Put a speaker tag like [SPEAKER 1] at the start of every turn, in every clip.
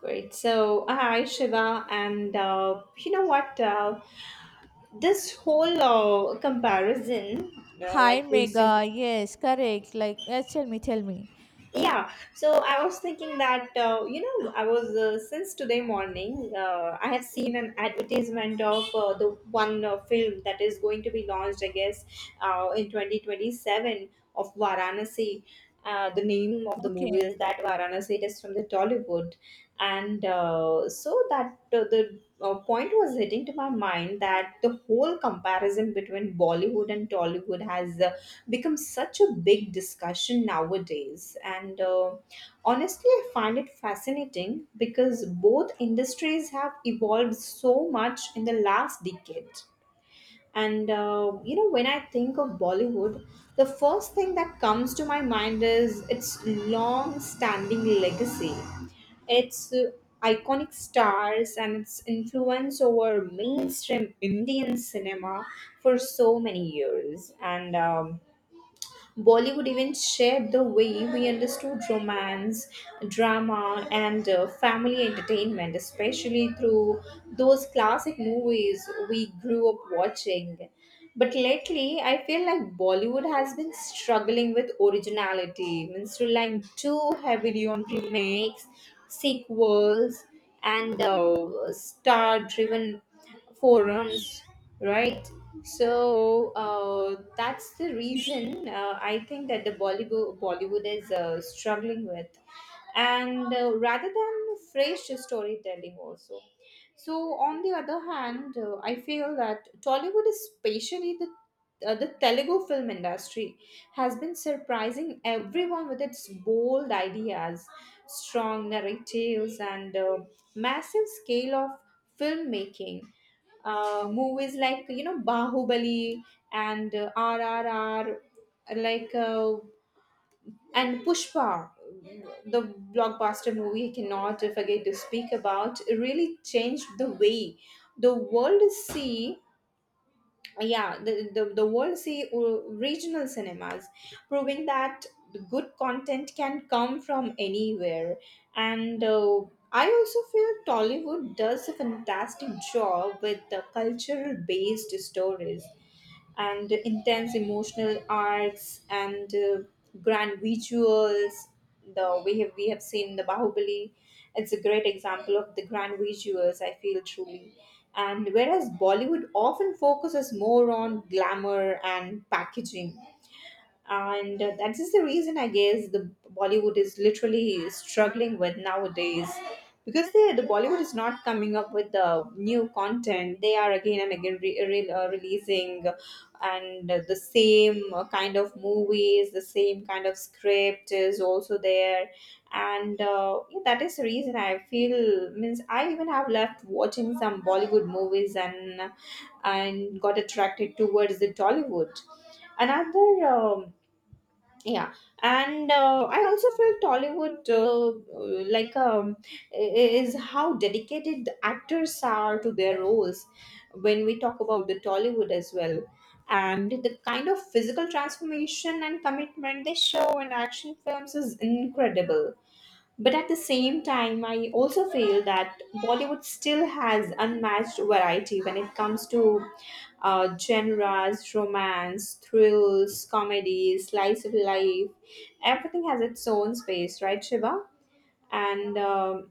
[SPEAKER 1] Great. So, hi, Shiva. And you know what? This whole comparison,
[SPEAKER 2] Hi
[SPEAKER 1] like
[SPEAKER 2] Mega.
[SPEAKER 1] recent
[SPEAKER 2] Yes, correct. Like, yes, tell me, tell me.
[SPEAKER 1] Yeah, so I was thinking that you know I was since today morning I have seen an advertisement of the one film that is going to be launched, I guess in 2027, of Varanasi. The name of the
[SPEAKER 2] Okay.
[SPEAKER 1] movie is that Varanasi. It is from the Tollywood, and so that the point was hitting to my mind that the whole comparison between Bollywood and Tollywood has become such a big discussion nowadays. And honestly, I find it fascinating because both industries have evolved so much in the last decade. And You know, when I think of Bollywood, the first thing that comes to my mind is its long standing legacy, its iconic stars, and its influence over mainstream Indian cinema for so many years. And Bollywood even shaped the way we understood romance, drama, and family entertainment, especially through those classic movies we grew up watching. But lately, I feel like Bollywood has been struggling with originality, means relying too heavily on remakes, sequels, and star driven forums, right? So that's the reason I think that the Bollywood is struggling with, and rather than fresh storytelling also. So on the other hand, I feel that Tollywood, especially the Telugu film industry, has been surprising everyone with its bold ideas, strong narratives, and massive scale of filmmaking. Movies like, you know, Bahubali and RRR, like uh, and Pushpa, the blockbuster movie I cannot forget to speak about, really changed the way the world see. Yeah, the world see regional cinemas, proving that the good content can come from anywhere. And I also feel Tollywood does a fantastic job with the cultural based stories and intense emotional arcs and grand visuals. The we have seen the Bahubali. It's a great example of the grand visuals, I feel, truly. And whereas Bollywood often focuses more on glamour and packaging, and that is the reason, I guess, the Bollywood is literally struggling with nowadays, because the Bollywood is not coming up with the new content. They are again and again releasing, and the same kind of movies, the same kind of script is also there. And Yeah, that is the reason I feel, means, I even have left watching some Bollywood movies and got attracted towards the Tollywood. Another yeah, and I also felt Tollywood uh, like um, is how dedicated the actors are to their roles when we talk about the Tollywood as well, and the kind of physical transformation and commitment they show in action films is incredible. But at the same time, I also feel that Bollywood still has unmatched variety when it comes to genres, romance, thrills, comedy, slice of life. Everything has its own space, right, Shiva? And um,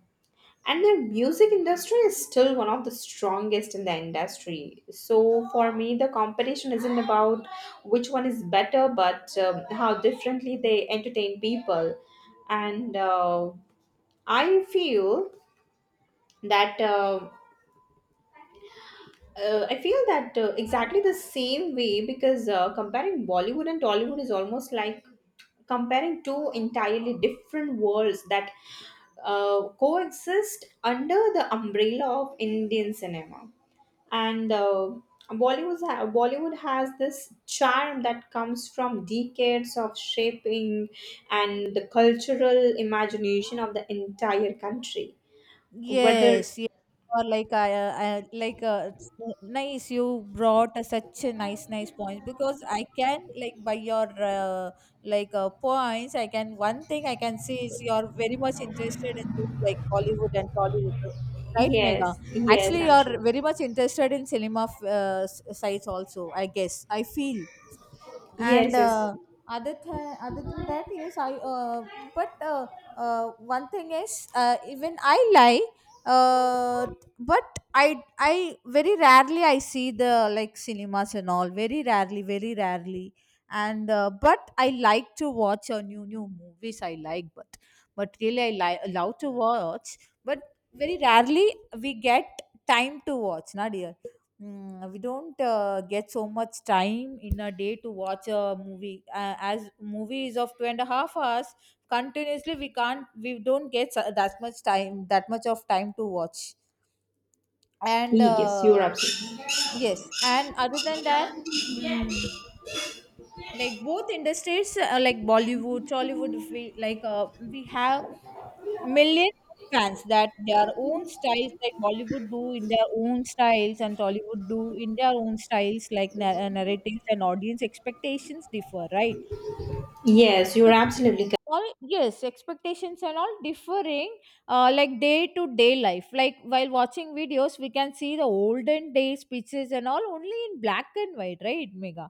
[SPEAKER 1] and the music industry is still one of the strongest in the industry. So for me, the competition isn't about which one is better, but how differently they entertain people and. I feel that uh, I feel that exactly the same way, because comparing Bollywood and Tollywood is almost like comparing two entirely different worlds that coexist under the umbrella of Indian cinema. And Bollywood Bollywood has this charm that comes from decades of shaping and the cultural imagination of the entire country, whether.
[SPEAKER 2] Yes, yes. Or like I like it's nice you brought such a nice point, because I can, like, by your points, I can one thing I can see is you're very much interested in this, like, Bollywood and Tollywood, right Mega?
[SPEAKER 1] Yes, yes,
[SPEAKER 2] Actually,
[SPEAKER 1] I'm sure.
[SPEAKER 2] you're very much interested in cinema sites also, I guess, I feel. And
[SPEAKER 1] Yes, yes,
[SPEAKER 2] other other than that, yes I, but one thing is, even I lie, uh, but I very rarely I see the, like, cinemas and all, very rarely, very rarely. And but I like to watch, new movies I like, but really I like allow to watch, but very rarely we get time to watch, na dear. We don't get so much time in a day to watch a movie, as movie is of 2.5 hours continuously. We don't get that much time, that much of time to watch. And
[SPEAKER 1] yes, you're absolutely.
[SPEAKER 2] yes. And other than that, mm, like, both industries, like Bollywood, Tollywood, if we, like, we have millions of fans that their own styles, like Bollywood do in their own styles and Tollywood do in their own styles, like narratives and audience expectations differ, right?
[SPEAKER 1] Yes, you're absolutely
[SPEAKER 2] All, yes, expectations and all differing. Like day to day life, like while watching videos we can see the olden days pictures and all only in black and white, right Mega?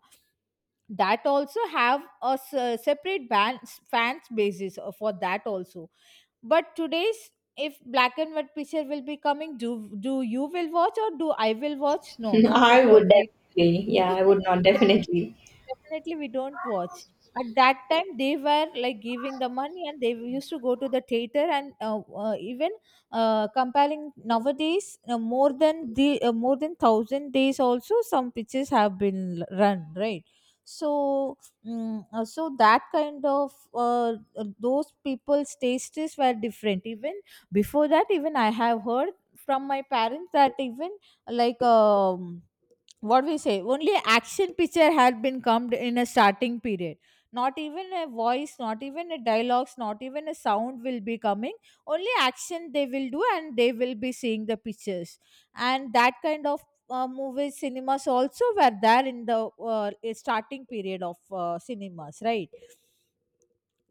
[SPEAKER 2] That also have a separate fans basis for that also. But today's, if black and white picture will be coming, do you will watch or do I will watch? No,
[SPEAKER 1] correct.
[SPEAKER 2] not at
[SPEAKER 1] I
[SPEAKER 2] all,
[SPEAKER 1] would
[SPEAKER 2] right?
[SPEAKER 1] definitely, yeah, I would not definitely.
[SPEAKER 2] Definitely, we don't watch. At that time, they were, like, giving the money, and they used to go to the theater. And even, comparing nowadays, more than the, more than thousand days also some pitches have been run, right? So, so that kind of, those people's tastes were different. Even before that, even I have heard from my parents that even, like, what we say, only action picture had been come in a starting period. Not even a voice, not even a dialogues, not even a sound will be coming. Only action they will do, and they will be seeing the pictures. And that kind of, movie cinemas also were there in the, starting period of cinemas, right?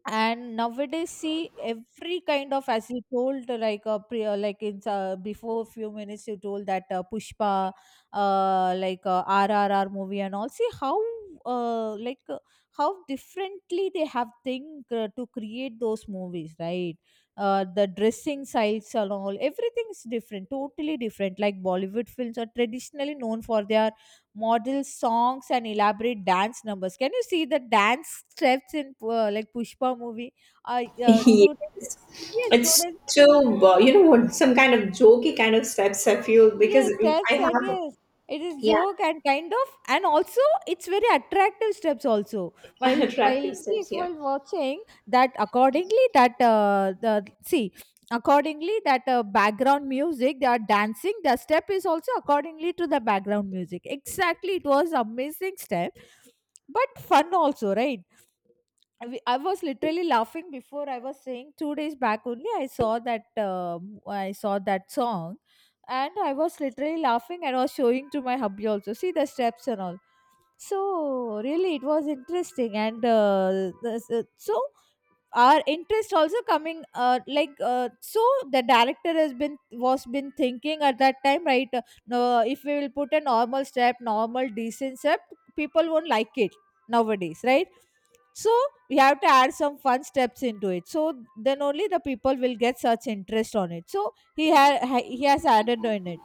[SPEAKER 2] And nowadays, see, every kind of, as you told, like like, in before a few minutes you told that, Pushpa, RRR movie and all, see how, uh, like uh, how differently they have think, to create those movies, right? The dressing styles and all, everything is different, totally different. Like Bollywood films are traditionally known for their model songs and elaborate dance numbers. Can you see the dance steps in, like, Pushpa movie?
[SPEAKER 1] Yeah.
[SPEAKER 2] Students, yes,
[SPEAKER 1] It's
[SPEAKER 2] students.
[SPEAKER 1] too, you know what, some kind of jokey kind of steps I feel,
[SPEAKER 2] Yes,
[SPEAKER 1] because I
[SPEAKER 2] steps, and
[SPEAKER 1] have,
[SPEAKER 2] yes, it is
[SPEAKER 1] yeah,
[SPEAKER 2] joke and kind of, and also it's very attractive steps also. While,
[SPEAKER 1] attractive steps,
[SPEAKER 2] yes,
[SPEAKER 1] here.
[SPEAKER 2] while watching that accordingly, that the see accordingly that, background music they are dancing, the step is also accordingly to the background music. Exactly, it was amazing step, but fun also, right? I was literally laughing before. I was saying, 2 days back only I saw that, I saw that song, and I was literally laughing and was showing to my hubby also, see the steps and all. So really it was interesting. And so our interest also coming, so the director has been was been thinking at that time, right? No, if we will put a normal decent step, people won't like it nowadays, right? So we have to add some fun steps into it, so then only the people will get such interest on it. So he has added on it,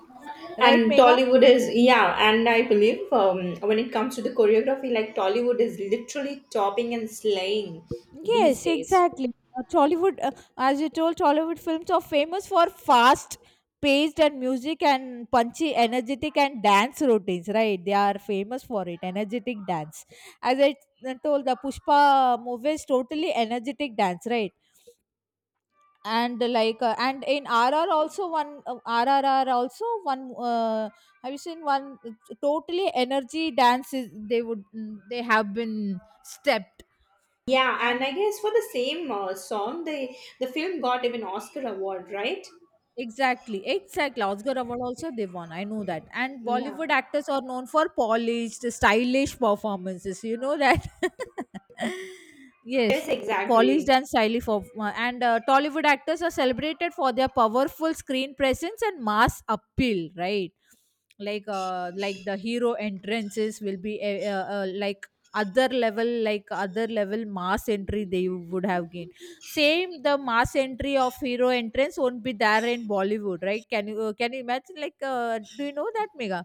[SPEAKER 2] right
[SPEAKER 1] And
[SPEAKER 2] Mega?
[SPEAKER 1] Tollywood is, yeah, and I believe when it comes to the choreography, like Tollywood is literally topping and slaying these
[SPEAKER 2] Yes,
[SPEAKER 1] days.
[SPEAKER 2] exactly. Tollywood, as you told, Tollywood films are famous for fast paced and music and punchy, energetic and dance routines, right? They are famous for it, energetic dance. As I told, the Pushpa movie is totally energetic dance, right? And, like, and in RR also one, RRR also one, have you seen one, totally energy dances they would, they have been stepped
[SPEAKER 1] Yeah, and I
[SPEAKER 2] and.
[SPEAKER 1] guess for the same song, the film got even Oscar award, right?
[SPEAKER 2] Exactly, exactly. Oscar award also they won, I know that. And
[SPEAKER 1] Yeah.
[SPEAKER 2] Bollywood actors are known for polished, stylish performances, you know that. Yes,
[SPEAKER 1] Yes,
[SPEAKER 2] polished
[SPEAKER 1] exactly.
[SPEAKER 2] and stylish. And Tollywood actors are celebrated for their powerful screen presence and mass appeal, right? Like, like the hero entrances will be, like other level, like other level mass entry they would have gained. Same, the mass entry of hero entrance won't be there in Bollywood, right? Can you imagine, like, do you know that Mega?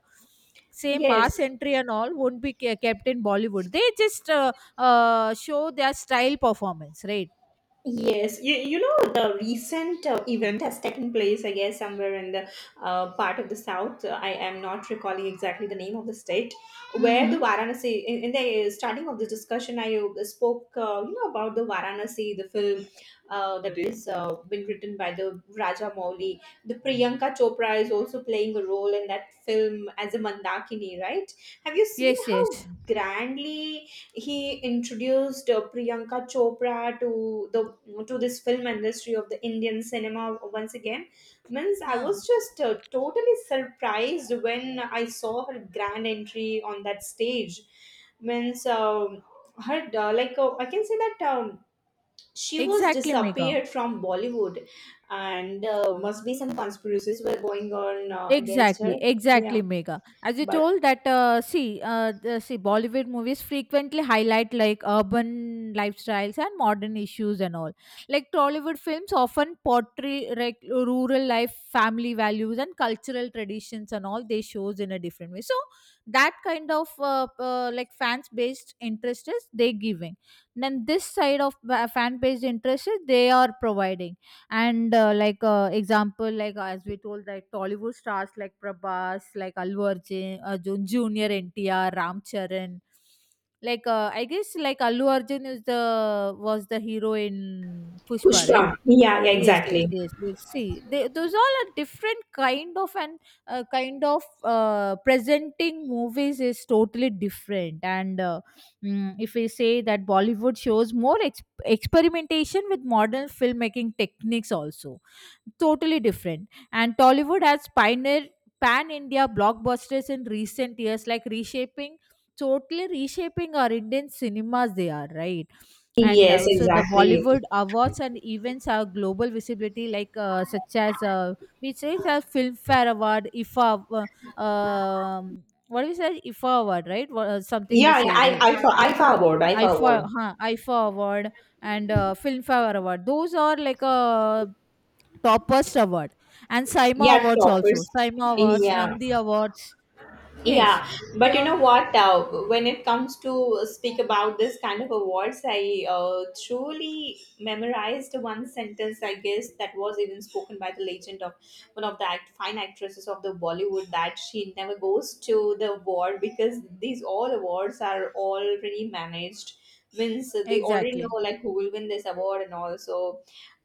[SPEAKER 2] Same mass
[SPEAKER 1] Yes.
[SPEAKER 2] entry and all won't be kept in Bollywood. They just, show their style performance, right?
[SPEAKER 1] Yes, you know the recent event has taken place, I guess, somewhere in the part of the south. I am not recalling exactly the name of the state where the
[SPEAKER 2] Mm-hmm.
[SPEAKER 1] Varanasi. In the starting of this discussion, I spoke, you know, about the Varanasi, the film that is been written by the Raja Mouli. The Priyanka Chopra is also playing a role in that film as a Mandakini, right? Have you seen
[SPEAKER 2] Yes,
[SPEAKER 1] how
[SPEAKER 2] yes.
[SPEAKER 1] grandly he introduced Priyanka Chopra to the to this film industry of the Indian cinema once again? Means I
[SPEAKER 2] Huh.
[SPEAKER 1] was just totally surprised when I saw her grand entry on that stage. Means her I can say that she was
[SPEAKER 2] Exactly Mega.
[SPEAKER 1] disappeared from Bollywood, and must be some conspiracies were going on against
[SPEAKER 2] Exactly,
[SPEAKER 1] her. Yeah,
[SPEAKER 2] exactly, Mega. As you
[SPEAKER 1] but
[SPEAKER 2] told that, see, see, Bollywood movies frequently highlight, like, urban lifestyles and modern issues and all. Like Tollywood films often portray, like, rural life, family values, and cultural traditions and all. They shows in a different way. So that kind of, like, fans based interest is they giving. Then this side of fan based interest is they are providing. And example, like, as we told, like Tollywood stars like Prabhas, like Allu Arjun, Arjun Junior NTR, Ram Charan, like, I guess, like Allu Arjun is the was the hero in Pushpa, right?
[SPEAKER 1] Pushpa. Yeah, yeah,
[SPEAKER 2] Yes, yes,
[SPEAKER 1] exactly.
[SPEAKER 2] yes. Let's see, those all are different kind of. And kind of, presenting movies is totally different. And if we say that Bollywood shows more experimentation with modern filmmaking techniques, also totally different. And Tollywood has pioneered pan India blockbusters in recent years, like reshaping, totally reshaping our Indian cinemas, they are, right? And
[SPEAKER 1] Yes,
[SPEAKER 2] also the
[SPEAKER 1] exactly.
[SPEAKER 2] Bollywood awards and events have global visibility, like, such as, we say the Filmfare award, IFA, what do we say, IFA award, right? Something we
[SPEAKER 1] Yeah, yeah,
[SPEAKER 2] say, right?
[SPEAKER 1] I IFA IFA award, IFA
[SPEAKER 2] IFA,
[SPEAKER 1] award.
[SPEAKER 2] huh, IFA award. And Filmfare award, those are like a toppest award. And SAIMA
[SPEAKER 1] Yeah,
[SPEAKER 2] awards also,
[SPEAKER 1] toppers.
[SPEAKER 2] SAIMA awards,
[SPEAKER 1] Yeah.
[SPEAKER 2] Nandi awards. Yes,
[SPEAKER 1] Yeah,
[SPEAKER 2] they
[SPEAKER 1] but you
[SPEAKER 2] all,
[SPEAKER 1] know what? When it comes to speak about this kind of awards, I truly memorized one sentence. I guess that was even spoken by the legend of one of the fine actresses of the Bollywood, that she never goes to the award because these all awards are already managed, wins they already
[SPEAKER 2] exactly.
[SPEAKER 1] know, like who will win this award and all. So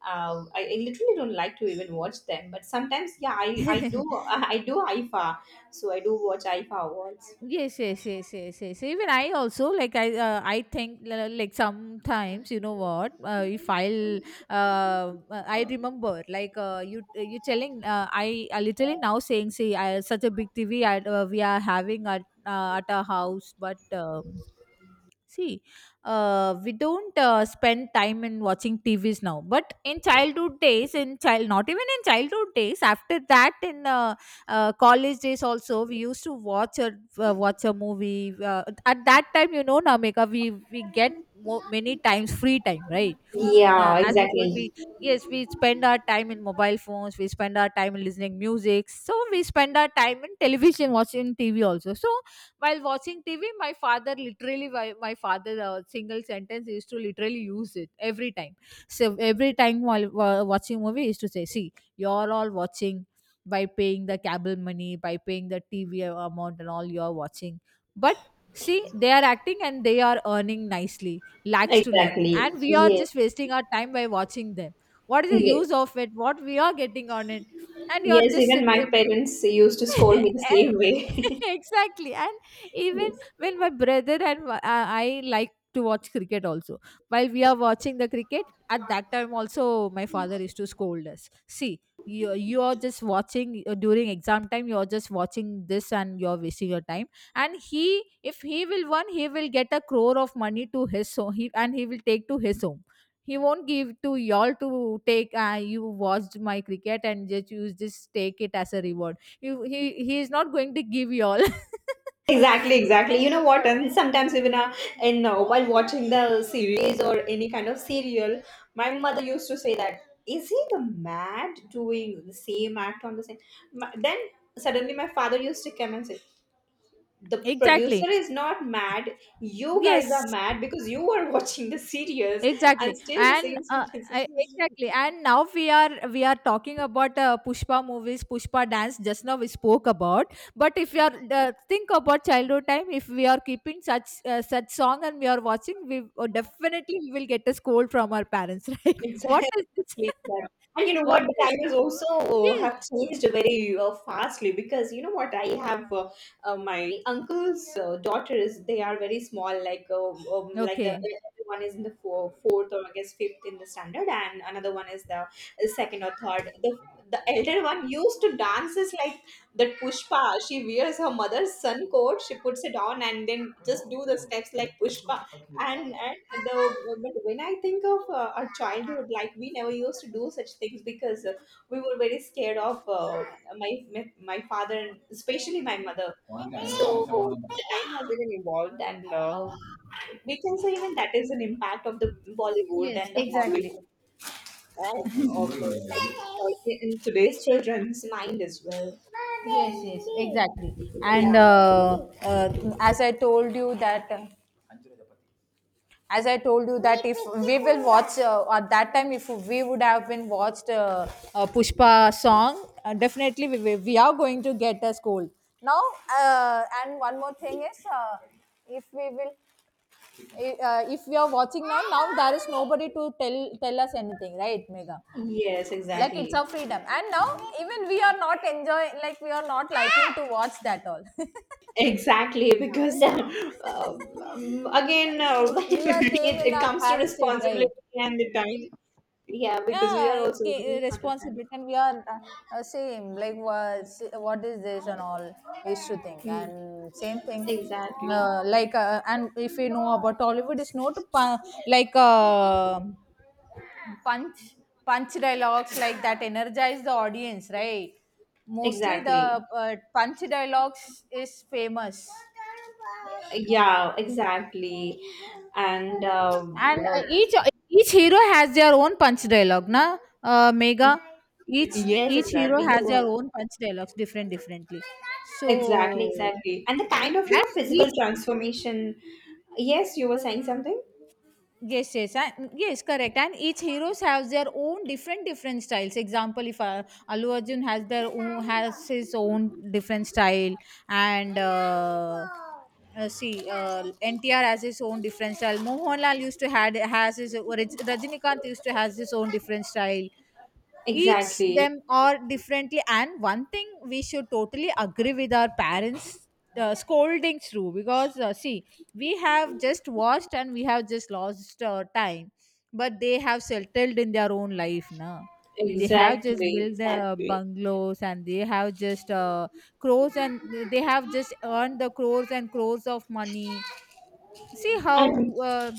[SPEAKER 1] I literally don't like to even watch them, but sometimes, yeah, I do. I do IFA, so I do watch IFA awards.
[SPEAKER 2] Yes, yes, yes, yes, yes. Even I also, like I think, like sometimes, you know what, if I'll, I remember, like, you telling, I literally now saying, see such a big TV, we are having at, at our house, but see, we don't, spend time in watching TVs now. But in childhood days, not even in childhood days, after that, in, college days also, we used to watch a, watch a movie. At that time, you know, Namika, we get many times free time, right?
[SPEAKER 1] Yeah,
[SPEAKER 2] As we told,
[SPEAKER 1] exactly,
[SPEAKER 2] we, yes, we spend our time in mobile phones, we spend our time in listening music, so we spend our time in television, watching TV also. So while watching TV, my father literally, my father, single sentence is to literally use it every time. So every time while, watching movie, is to say, see, you're all watching, by paying the cable money, by paying the TV amount and all you're watching. But see, they are acting and they are earning nicely lakhs to lakh,
[SPEAKER 1] exactly.
[SPEAKER 2] and we are
[SPEAKER 1] Yes,
[SPEAKER 2] just wasting our time by watching them. What is the use
[SPEAKER 1] yes,
[SPEAKER 2] of it, what we are getting on it? And you're
[SPEAKER 1] yes.
[SPEAKER 2] just
[SPEAKER 1] even my
[SPEAKER 2] sitting.
[SPEAKER 1] parents used to scold me the same way.
[SPEAKER 2] Exactly. And even
[SPEAKER 1] Yes.
[SPEAKER 2] when my brother and I, like to watch cricket also. While we are watching the cricket, at that time also my father used to scold us, see you are just watching, during exam time you are just watching this and you are wasting your time. And he if he will won, he will get a crore of money to his home. And he will take to his home, he won't give to y'all to take, you watched my cricket, and just you just take it as a reward. You He is not going to give you all.
[SPEAKER 1] Exactly, exactly. You know what? And sometimes even in while watching the series or any kind of serial, my mother used to say that, is he the mad doing the same act on the same? My, then suddenly my father used to come and say, the
[SPEAKER 2] Exactly,
[SPEAKER 1] producer is not mad. You guys are
[SPEAKER 2] yes,
[SPEAKER 1] mad because you are watching the series.
[SPEAKER 2] exactly.
[SPEAKER 1] And still the
[SPEAKER 2] And
[SPEAKER 1] same sentences used.
[SPEAKER 2] exactly. And now we are talking about, Pushpa movies, Pushpa dance, just now we spoke about. But if you are, think about childhood time, if we are keeping such song and We are watching, we definitely we will get a scold from our parents. Right, what
[SPEAKER 1] Exactly.
[SPEAKER 2] is this?
[SPEAKER 1] Yeah. And you know
[SPEAKER 2] What
[SPEAKER 1] what? The
[SPEAKER 2] is this?
[SPEAKER 1] times also
[SPEAKER 2] Yes.
[SPEAKER 1] have changed very fastly, because you know what? I have my uncle's daughters. They are very small, like the
[SPEAKER 2] Okay.
[SPEAKER 1] one is in the four, fourth or I guess fifth in the standard, and another one is the second or third. The elder one used to dance is like that Pushpa. She wears her mother's sun coat. She puts it on, and then just do the steps like Pushpa, and the. But when I think of our childhood, like we never used to do such things, because we were very scared of my my father and especially my mother. So the time has been involved, and we can say even that is an impact of the Bollywood
[SPEAKER 2] Yes,
[SPEAKER 1] and the Hollywood
[SPEAKER 2] exactly.
[SPEAKER 1] and of the, so in today's children's mind as well.
[SPEAKER 2] Yes, yes, exactly. And
[SPEAKER 1] Yeah.
[SPEAKER 2] As I told you that, as I told you that if we will watch at that time, if we would have been watched Pushpa song, definitely we are going to get a scold. Now, and one more thing is, if we will, if we are watching now, now there is nobody to tell us anything, right, Mega?
[SPEAKER 1] Yes,
[SPEAKER 2] Like it's
[SPEAKER 1] exactly.
[SPEAKER 2] our freedom, and now even we are not enjoying, like we are not liking to watch that all.
[SPEAKER 1] Exactly, because again,
[SPEAKER 2] We are came
[SPEAKER 1] it,
[SPEAKER 2] in
[SPEAKER 1] it
[SPEAKER 2] our
[SPEAKER 1] comes to
[SPEAKER 2] parents stage, right?
[SPEAKER 1] responsibility and the time. Yeah, because we
[SPEAKER 2] Yeah,
[SPEAKER 1] are
[SPEAKER 2] it
[SPEAKER 1] also running
[SPEAKER 2] came,
[SPEAKER 1] short of time.
[SPEAKER 2] responsibility, and we are same like what is this and all used to think
[SPEAKER 1] Mm.
[SPEAKER 2] and same thing.
[SPEAKER 1] Exactly.
[SPEAKER 2] And if you know about hollywood, it's not like uh, punch punch dialogues like that energize the audience, right? Mostly the
[SPEAKER 1] Exactly.
[SPEAKER 2] punch dialogues is famous.
[SPEAKER 1] Yeah, exactly. And
[SPEAKER 2] And each hero has their own punch dialogue, na, Mega? each
[SPEAKER 1] yes,
[SPEAKER 2] each hero
[SPEAKER 1] exactly. You
[SPEAKER 2] has their
[SPEAKER 1] are.
[SPEAKER 2] own punch dialogues, differently.
[SPEAKER 1] Exactly,
[SPEAKER 2] So,
[SPEAKER 1] exactly. And the kind of, you
[SPEAKER 2] and
[SPEAKER 1] know,
[SPEAKER 2] each,
[SPEAKER 1] physical transformation. Yes, you were saying something?
[SPEAKER 2] yes yes and yes, correct. And each heroes have their own different styles. Example, if Allu Arjun has their own has his own different style, and see, NTR has his own different style, Mohanlal used to had has his or it's, Rajinikanth used to has his own different style. Each
[SPEAKER 1] Exactly.
[SPEAKER 2] them are differently. And one thing we should totally agree with our parents scolding through, because see, we have just watched and we have just lost our time. But they have settled in their own life now. They have just
[SPEAKER 1] Exactly.
[SPEAKER 2] built the
[SPEAKER 1] Exactly.
[SPEAKER 2] bungalows and they have just crores and they have just earned the crores and crores of money. See
[SPEAKER 1] And.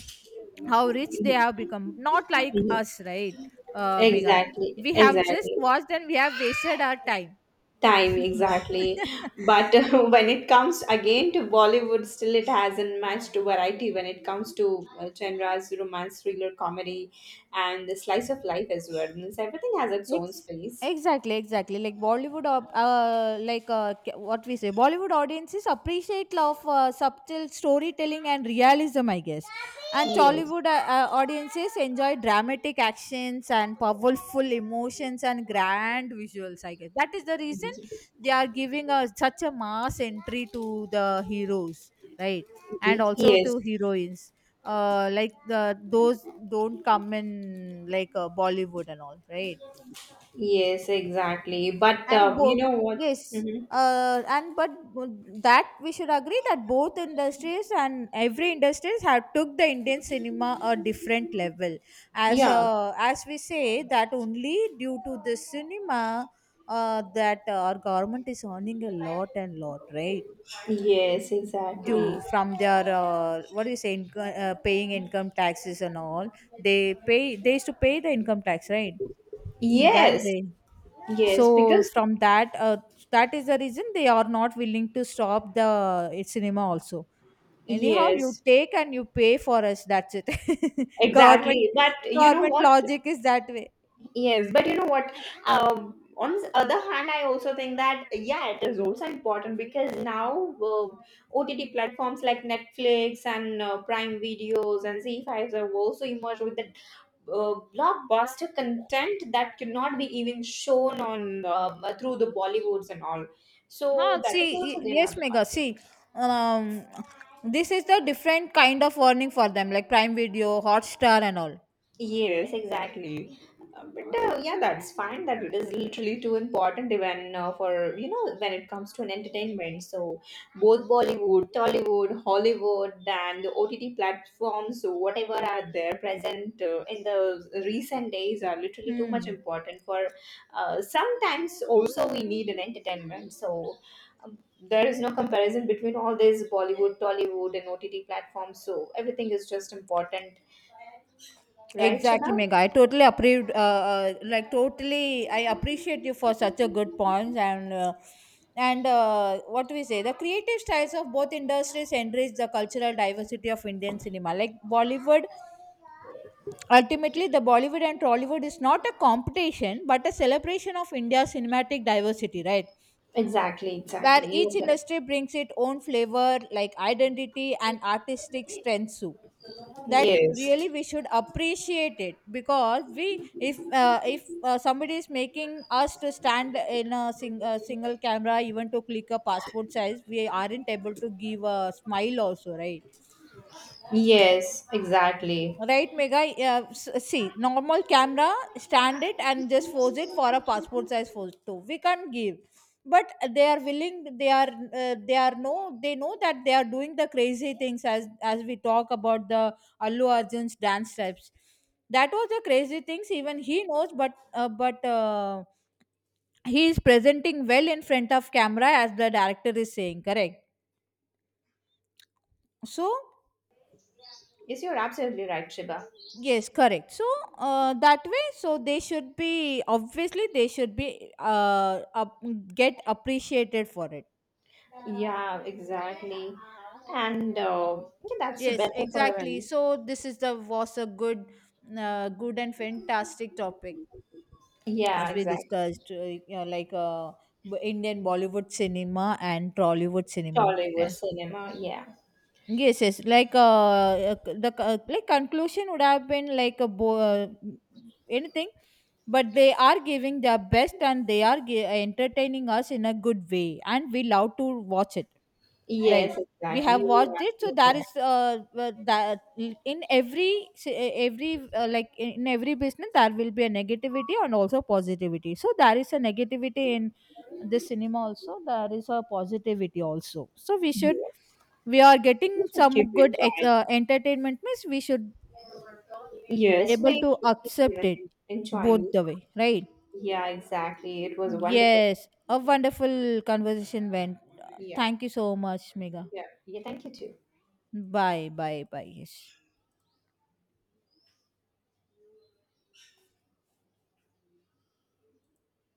[SPEAKER 2] how rich they have become, not like
[SPEAKER 1] Mhm.
[SPEAKER 2] us, right, Mega?
[SPEAKER 1] Exactly.
[SPEAKER 2] We have just
[SPEAKER 1] Exactly.
[SPEAKER 2] watched and we have wasted our time.
[SPEAKER 1] Time, exactly. But when it comes again to Bollywood, still it has not matched variety when it comes to genres, romance, thriller, comedy, and the slice of life as well. Means everything has its own
[SPEAKER 2] Ex-
[SPEAKER 1] space.
[SPEAKER 2] exactly, exactly. Like Bollywood, what we say, Bollywood audiences appreciate, love, subtle storytelling and realism, I guess. And
[SPEAKER 1] Yes.
[SPEAKER 2] Tollywood audiences enjoy dramatic actions and powerful emotions and grand visuals, I guess. That is the reason
[SPEAKER 1] Ye-.
[SPEAKER 2] they are giving us such a mass entry to the heroes, right? And also
[SPEAKER 1] Yes.
[SPEAKER 2] to heroines. Like the those don't come in like Bollywood and all, right?
[SPEAKER 1] Yes. Exactly. But
[SPEAKER 2] And
[SPEAKER 1] you
[SPEAKER 2] both,
[SPEAKER 1] know what?
[SPEAKER 2] yes,
[SPEAKER 1] Hmm.
[SPEAKER 2] and but that we should agree, that both industries and every industries have took the Indian cinema a different level. As
[SPEAKER 1] Yeah.
[SPEAKER 2] as we say, that only due to the cinema that our government is earning a lot and lot, right?
[SPEAKER 1] Yes, exactly.
[SPEAKER 2] Due from their what do you say, paying income taxes and all. They pay, they used to pay the income tax, right, that
[SPEAKER 1] Yes,
[SPEAKER 2] day?
[SPEAKER 1] yes,
[SPEAKER 2] So
[SPEAKER 1] because
[SPEAKER 2] from that that is the reason they are not willing to stop the cinema also. Anyhow you
[SPEAKER 1] yes,
[SPEAKER 2] take and you pay for us, that's it. Government,
[SPEAKER 1] exactly. But you know
[SPEAKER 2] government
[SPEAKER 1] what?
[SPEAKER 2] logic is that way.
[SPEAKER 1] Yes, but you know what? On the other hand, I also think that, yeah, it is also important, because now OTT platforms like Netflix and Prime Videos and Z5s have also emerged with the blockbuster content that cannot be even shown on through the Bollywoods and all.
[SPEAKER 2] Huh,
[SPEAKER 1] So that
[SPEAKER 2] see,
[SPEAKER 1] is also the
[SPEAKER 2] yes
[SPEAKER 1] another.
[SPEAKER 2] Mega, see, um this is the different kind of warning for them, like Prime Video, Hotstar and all.
[SPEAKER 1] Yes, exactly. But yeah, that's fine. That it is literally too important, even for, you know, when it comes to an entertainment. So both Bollywood, Tollywood, Hollywood, and the OTT platforms, so whatever are there present in the recent days, are literally too much
[SPEAKER 2] Hmm.
[SPEAKER 1] important for. Sometimes also we need an entertainment. So um, there is no comparison between all these Bollywood, Tollywood, and OTT platforms. So everything is just important, right,
[SPEAKER 2] Exactly,
[SPEAKER 1] Shiba?
[SPEAKER 2] Mega. I totally approved. Like totally, I appreciate you for such a good points. And what do we say? The creative styles of both industries enrich the cultural diversity of Indian cinema. Like Bollywood, ultimately, the Bollywood and Trollywood is not a competition but a celebration of India's cinematic diversity, right?
[SPEAKER 1] Exactly,
[SPEAKER 2] Where
[SPEAKER 1] exactly.
[SPEAKER 2] each
[SPEAKER 1] You're correct.
[SPEAKER 2] industry brings its own flavor, like identity and artistic strengths, that really
[SPEAKER 1] Yes.
[SPEAKER 2] we should appreciate it. Because we, if somebody is making us to stand in a, sing, a single camera even to click a passport size, we aren't able to give a smile also, right?
[SPEAKER 1] Yes, exactly.
[SPEAKER 2] Right, Mega? Yeah, see, normal camera, stand it and just pose it for a passport size photo. We can't give. But they are willing, they are no, they know that they are doing the crazy things, as we talk about the Allu Arjun's dance steps. That was the crazy things, even he knows, but, he is presenting well in front of camera as the director is saying, correct? So,
[SPEAKER 1] Yes, you're absolutely right, Shiba.
[SPEAKER 2] yes, correct. So that way, so they should be, obviously they should be get appreciated for it.
[SPEAKER 1] Yeah, exactly. And yeah, that's
[SPEAKER 2] Yes,
[SPEAKER 1] better for
[SPEAKER 2] exactly.
[SPEAKER 1] him.
[SPEAKER 2] So this is the was a good, good and fantastic topic
[SPEAKER 1] Yeah,
[SPEAKER 2] as we
[SPEAKER 1] exactly.
[SPEAKER 2] discussed, you know, Indian Bollywood cinema and Trollywood cinema. Yeah.
[SPEAKER 1] Tollywood cinema. Yeah.
[SPEAKER 2] Yes, yes. Like conclusion would have been like anything, but they are giving their best and they are entertaining us in a good way, and we love to watch it. Right?
[SPEAKER 1] Yes,
[SPEAKER 2] We
[SPEAKER 1] exactly.
[SPEAKER 2] have
[SPEAKER 1] You're
[SPEAKER 2] watched it, so
[SPEAKER 1] absolutely
[SPEAKER 2] that is
[SPEAKER 1] right.
[SPEAKER 2] that in every every like in every business there will be a negativity and also positivity. So there is a negativity in this cinema also. There is a positivity also. So we should,
[SPEAKER 1] Yes.
[SPEAKER 2] we are
[SPEAKER 1] We
[SPEAKER 2] getting
[SPEAKER 1] should keep
[SPEAKER 2] some good
[SPEAKER 1] enjoying.
[SPEAKER 2] entertainment means we should
[SPEAKER 1] Yes,
[SPEAKER 2] able
[SPEAKER 1] we
[SPEAKER 2] to
[SPEAKER 1] should keep
[SPEAKER 2] accept
[SPEAKER 1] even
[SPEAKER 2] it both
[SPEAKER 1] enjoying.
[SPEAKER 2] the way, right?
[SPEAKER 1] Yeah, exactly. It was wonderful.
[SPEAKER 2] Yes, a
[SPEAKER 1] Yeah,
[SPEAKER 2] wonderful conversation went.
[SPEAKER 1] yeah,
[SPEAKER 2] Thank you so much, Mega.
[SPEAKER 1] yeah. Yeah, thank you too.
[SPEAKER 2] Bye bye bye. Yes.